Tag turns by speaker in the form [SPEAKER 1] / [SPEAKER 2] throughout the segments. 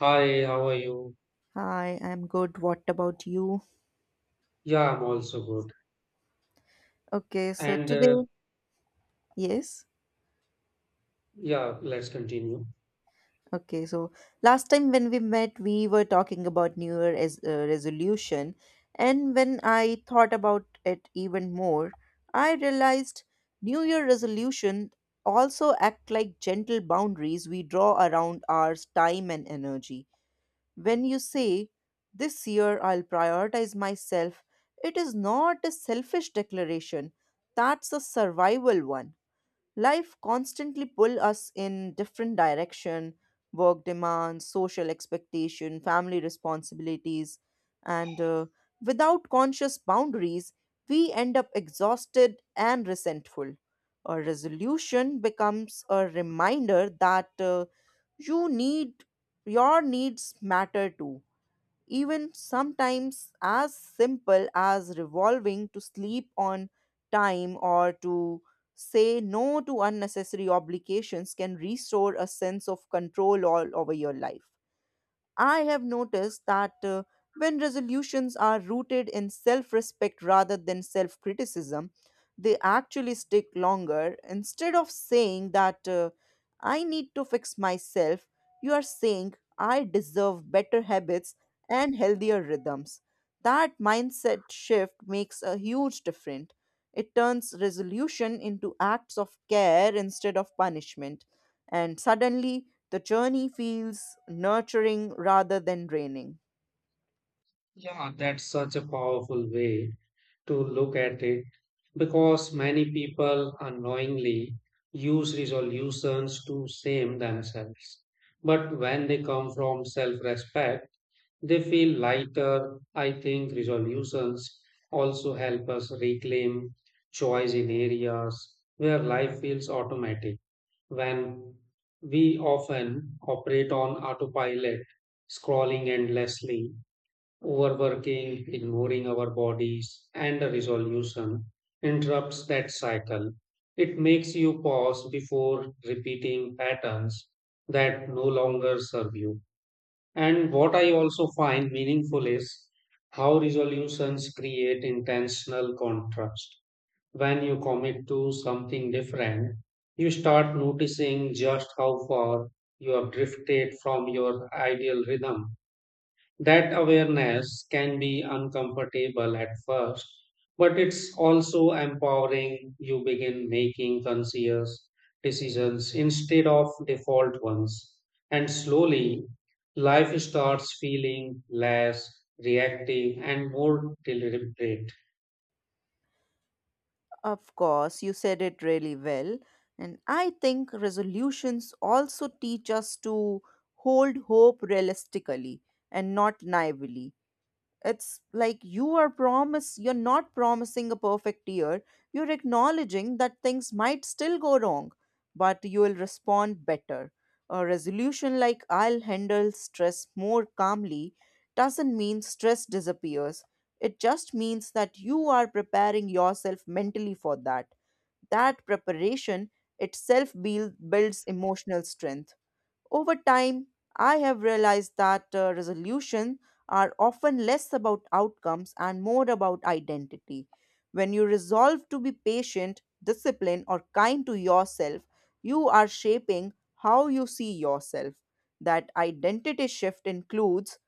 [SPEAKER 1] Hi, how are you?
[SPEAKER 2] Hi, I'm good. What about you?
[SPEAKER 1] Yeah, I'm also good.
[SPEAKER 2] Okay, so
[SPEAKER 1] And
[SPEAKER 2] today, yes.
[SPEAKER 1] yeah, let's continue.
[SPEAKER 2] Okay, so last time when we met, we were talking about New Year as resolution, and when I thought about it even more, I realized New Year resolution also act like gentle boundaries we draw around our time and energy. When you say, "This year I'll prioritize myself," it is not a selfish declaration. That's a survival one. Life constantly pull us in different direction, work demands, social expectation, family responsibilities, and without conscious boundaries, we end up exhausted and resentful. A resolution becomes a reminder that you need your needs matter too, even sometimes as simple as revolving to sleep on time or to say no to unnecessary obligations can restore a sense of control all over your life. I have noticed that when resolutions are rooted in self respect rather than self criticism, they actually stick longer. Instead of saying that I need to fix myself, you are saying I deserve better habits and healthier rhythms. That mindset shift makes a huge difference. It turns resolution into acts of care instead of punishment, and suddenly the journey feels nurturing rather than draining.
[SPEAKER 1] Yeah, that's such a powerful way to look at it because many people unknowingly use resolutions to shame themselves. But when they come from self-respect, they feel lighter. I think resolutions also help us reclaim choice in areas where life feels automatic when we often operate on autopilot, scrolling endlessly, overworking, ignoring our bodies, and a resolution interrupts that cycle. It makes you pause before repeating patterns that no longer serve you. And what I also find meaningful is how resolutions create intentional contrast when you commit to something different, you start noticing just how far you have drifted from your ideal rhythm. That awareness can be uncomfortable at first, but it's also empowering. You begin making conscious decisions instead of default ones. And slowly, life starts feeling less reactive and more deliberate.
[SPEAKER 2] Of course, you said it really well. And I think resolutions also teach us to hold hope realistically and not naively. It's like you are promise you're not promising a perfect year, you're acknowledging that things might still go wrong, but you will respond better. A resolution like "I'll handle stress more calmly" doesn't mean stress disappears, it just means that you are preparing yourself mentally for That preparation itself builds emotional strength over time. I have realized that resolution are often less about outcomes and more about identity. When you resolve to be patient, disciplined, or kind to yourself, you are shaping how you see yourself. That identity shift includes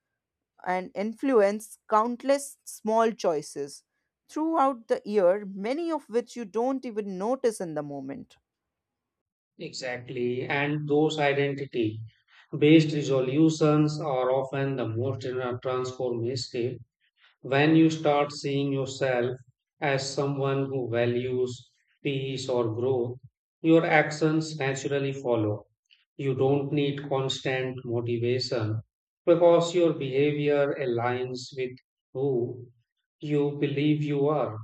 [SPEAKER 2] and influence countless small choices throughout the year, many of which you don't even notice in the moment.
[SPEAKER 1] Exactly. And those identity based resolutions are often the most transformative when you start seeing yourself as someone who values peace or growth. Your actions naturally follow. You don't need constant motivation because your behavior aligns with who you believe you are.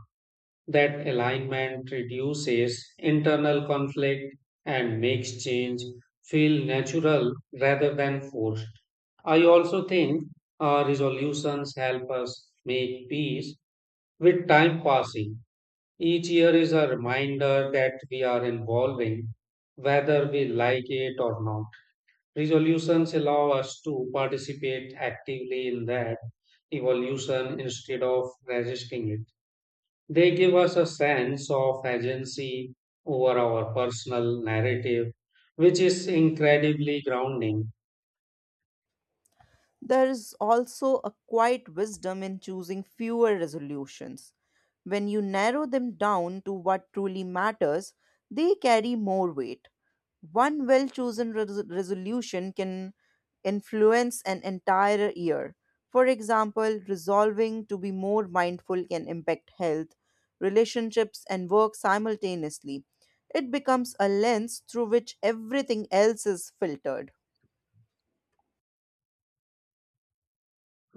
[SPEAKER 1] That alignment reduces internal conflict and makes change feel natural rather than forced. I also think resolutions help us make peace with time passing. Each year is a reminder that we are evolving, whether we like it or not. Resolutions allow us to participate actively in that evolution instead of resisting it. They give us a sense of agency over our personal narrative, which is incredibly grounding.
[SPEAKER 2] There is also a quiet wisdom in choosing fewer resolutions. When you narrow them down to what truly matters, they carry more weight. One well chosen resolution can influence an entire year. For example, resolving to be more mindful can impact health, relationships, and work simultaneously. It becomes a lens through which everything else is filtered.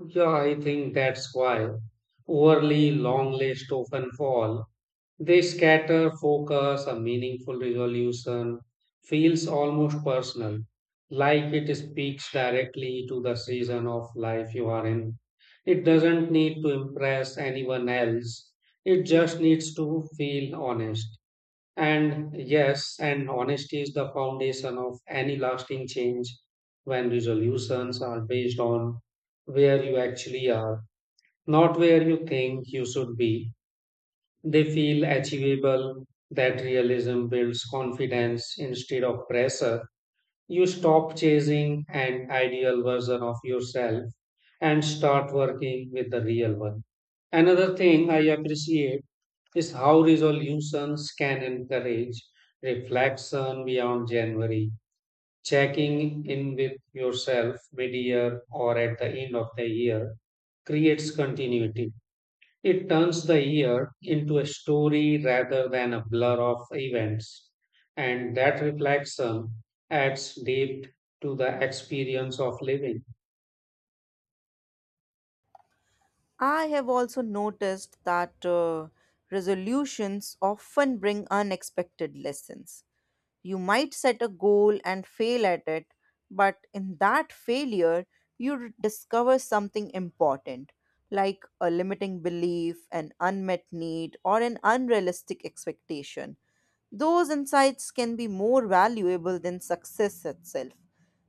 [SPEAKER 1] Yeah, I think that's why overly long lists often fall. They scatter focus, a meaningful resolution feels almost personal, like it speaks directly to the season of life you are in. It doesn't need to impress anyone else, it just needs to feel honest. And yes, and honesty is the foundation of any lasting change when resolutions are based on where you actually are, not where you think you should be. They feel achievable, that realism builds confidence instead of pressure. You stop chasing an ideal version of yourself and start working with the real one. Another thing I appreciate is how resolutions can encourage reflection beyond January, checking in with yourself mid-year or at the end of the year creates continuity. It turns the year into a story rather than a blur of events, and that reflection adds depth to the experience of living.
[SPEAKER 2] I have also noticed that resolutions often bring unexpected lessons. You might set a goal and fail at it, but in that failure, you discover something important, like a limiting belief, an unmet need, or an unrealistic expectation. Those insights can be more valuable than success itself.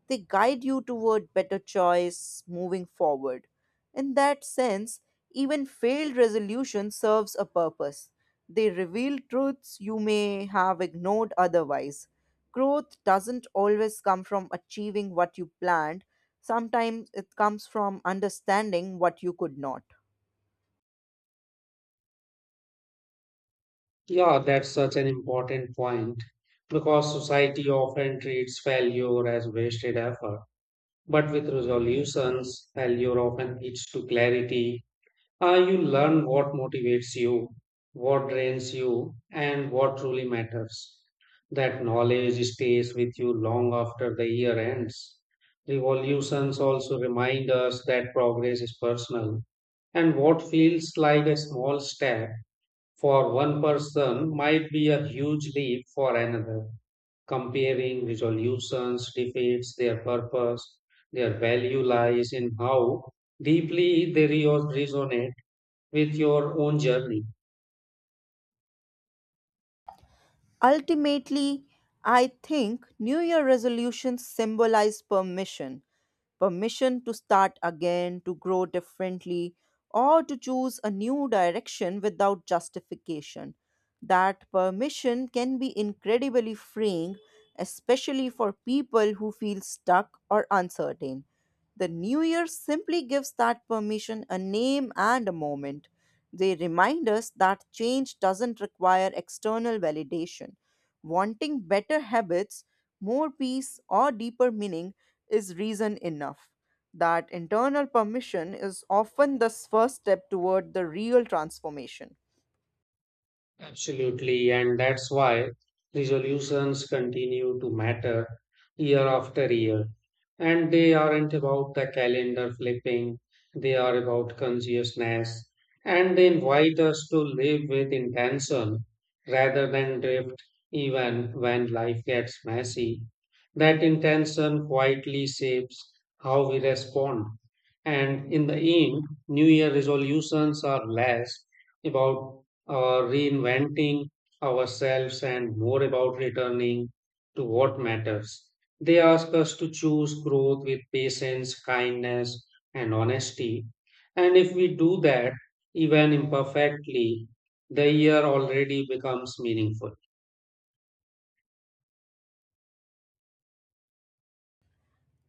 [SPEAKER 2] They guide you toward better choice moving forward. In that sense, even failed resolution serves a purpose. They reveal truths you may have ignored otherwise. Growth doesn't always come from achieving what you planned. Sometimes it comes from understanding what you could not.
[SPEAKER 1] Yeah, that's such an important point because society often treats failure as wasted effort. But with resolutions, failure often leads to clarity. You learn what motivates you, what drains you, and what truly matters. That knowledge stays with you long after the year ends. Revolutions also remind us that progress is personal, and what feels like a small step for one person might be a huge leap for another comparing resolutions defeats their purpose. Their value lies in how deeply they resonate with your own journey.
[SPEAKER 2] Ultimately, I think New Year resolutions symbolize permission, permission to start again, to grow differently, or to choose a new direction without justification. That permission can be incredibly freeing, especially for people who feel stuck or uncertain. The new year simply gives that permission a name and a moment. They remind us that change doesn't require external validation. Wanting better habits, more peace, or deeper meaning is reason enough. That internal permission is often the first step toward the real transformation.
[SPEAKER 1] Absolutely, and that's why resolutions continue to matter year after year. And they aren't about the calendar flipping, they are about consciousness. And they invite us to live with intention rather than drift, even when life gets messy. That intention quietly shapes how we respond. And in the end, New Year resolutions are less about reinventing ourselves and more about returning to what matters. They ask us to choose growth with patience, kindness, and honesty. And if we do that, even imperfectly, the year already becomes meaningful.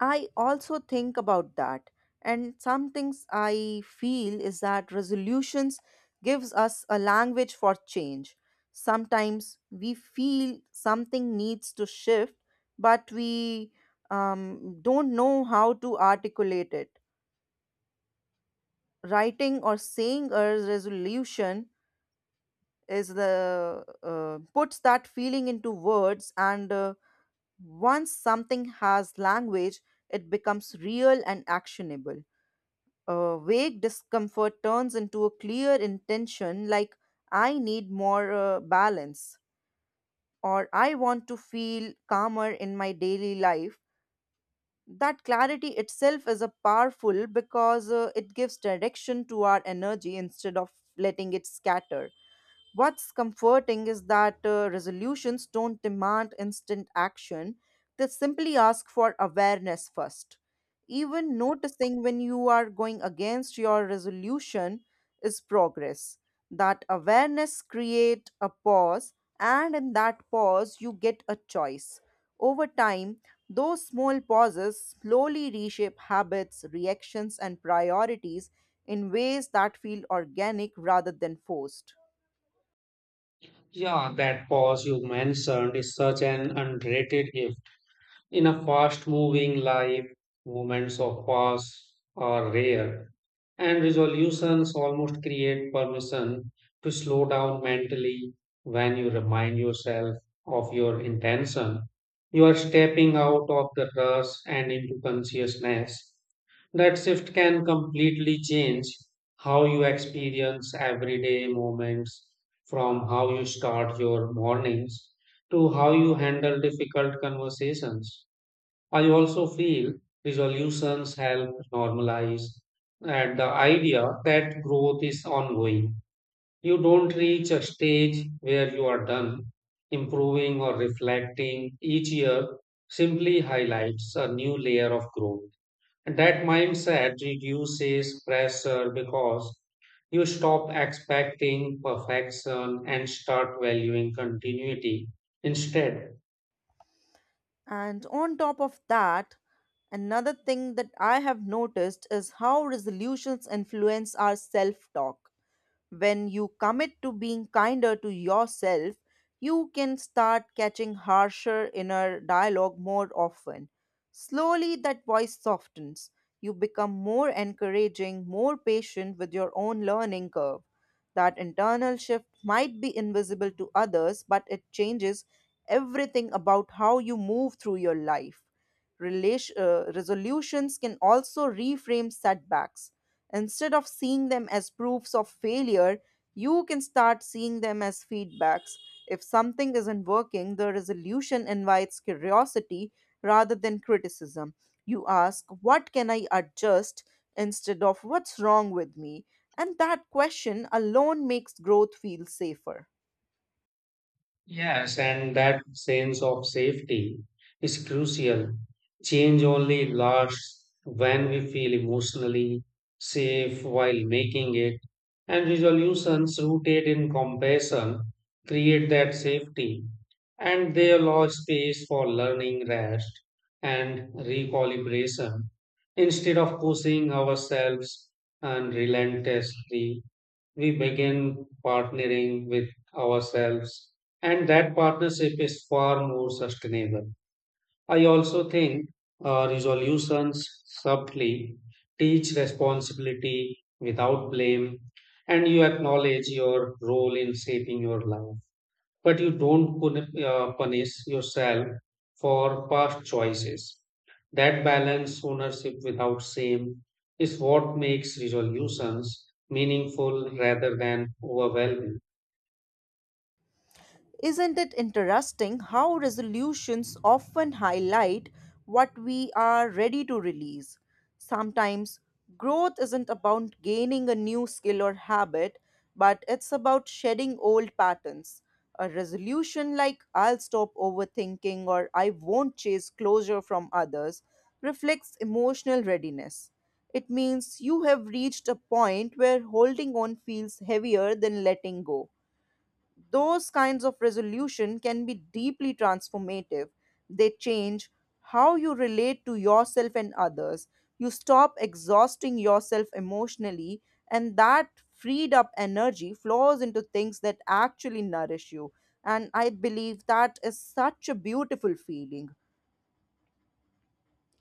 [SPEAKER 2] I also think about that. And some things I feel is that resolutions gives us a language for change. Sometimes we feel something needs to shift, but we don't know how to articulate it. Writing or saying a resolution is the puts that feeling into words, and once something has language it becomes real and actionable. Vague discomfort turns into a clear intention like I need more balance, or I want to feel calmer in my daily life. That clarity itself is a powerful because it gives direction to our energy instead of letting it scatter. What's comforting is that resolutions don't demand instant action, they simply ask for awareness first. Even noticing when you are going against your resolution is progress. That awareness creates a pause, and in that pause, you get a choice. Over time, those small pauses slowly reshape habits, reactions, and priorities in ways that feel organic rather than forced.
[SPEAKER 1] Yeah, that pause you mentioned is such an underrated gift. In a fast moving life, moments of pause are rare, and resolutions almost create permission to slow down mentally when you remind yourself of your intention. You are stepping out of the rush and into consciousness. That shift can completely change how you experience everyday moments from how you start your mornings to how you handle difficult conversations. I also feel resolutions help normalize and the idea that growth is ongoing. You don't reach a stage where you are done. Improving or reflecting each year simply highlights a new layer of growth. And that mindset reduces pressure because you stop expecting perfection and start valuing continuity instead.
[SPEAKER 2] And on top of that, another thing that I have noticed is how resolutions influence our self talk. When you commit to being kinder to yourself, you can start catching harsher inner dialogue more often. Slowly, that voice softens. You become more encouraging, more patient with your own learning curve. That internal shift might be invisible to others, but it changes everything about how you move through your life. Resolutions can also reframe setbacks. Instead of seeing them as proofs of failure, you can start seeing them as feedbacks. If something isn't working, the resolution invites curiosity rather than criticism. You ask, "What can I adjust?" instead of "What's wrong with me?" And that question alone makes growth feel safer.
[SPEAKER 1] Yes, and that sense of safety is crucial. Change only lasts when we feel emotionally safe while making it, and resolutions rooted in compassion create that safety, and they allow space for learning, rest, and recalibration instead of pushing ourselves unrelentlessly we begin partnering with ourselves, and that partnership is far more sustainable. I also think resolutions subtly teach responsibility without blame, and you acknowledge your role in shaping your life but you don't punish yourself for past choices. That balance, ownership without shame, is what makes resolutions meaningful rather than overwhelming.
[SPEAKER 2] Isn't it interesting how resolutions often highlight what we are ready to release? Sometimes growth isn't about gaining a new skill or habit, but it's about shedding old patterns. A resolution like "I'll stop overthinking" or "I won't chase closure from others" reflects emotional readiness. It means you have reached a point where holding on feels heavier than letting go. Those kinds of resolution can be deeply transformative. They change how you relate to yourself and others. You stop exhausting yourself emotionally, and that freed up energy flows into things that actually nourish you. And I believe that is such a beautiful feeling,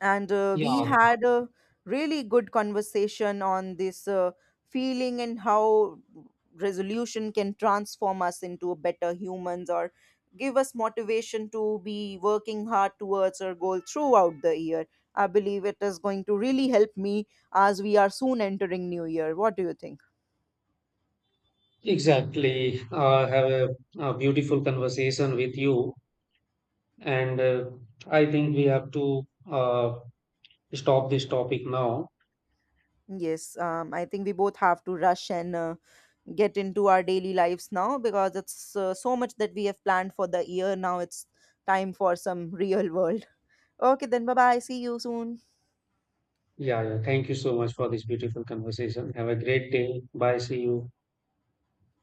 [SPEAKER 2] and we
[SPEAKER 1] Yeah,
[SPEAKER 2] had a really good conversation on this feeling and how resolution can transform us into better humans, or give us motivation to be working hard towards our goal throughout the year. I believe it is going to really help me as we are soon entering new year. What do you think?
[SPEAKER 1] exactly. Have a beautiful conversation with you, and I think we have to uh, stop this topic now.
[SPEAKER 2] Yes, I think we both have to rush and get into our daily lives now, because it's so much that we have planned for the year. Now it's time for some real world. Okay, then bye bye. See you soon.
[SPEAKER 1] Yeah, yeah. Thank you so much for this beautiful conversation. Have a great day. Bye. See you.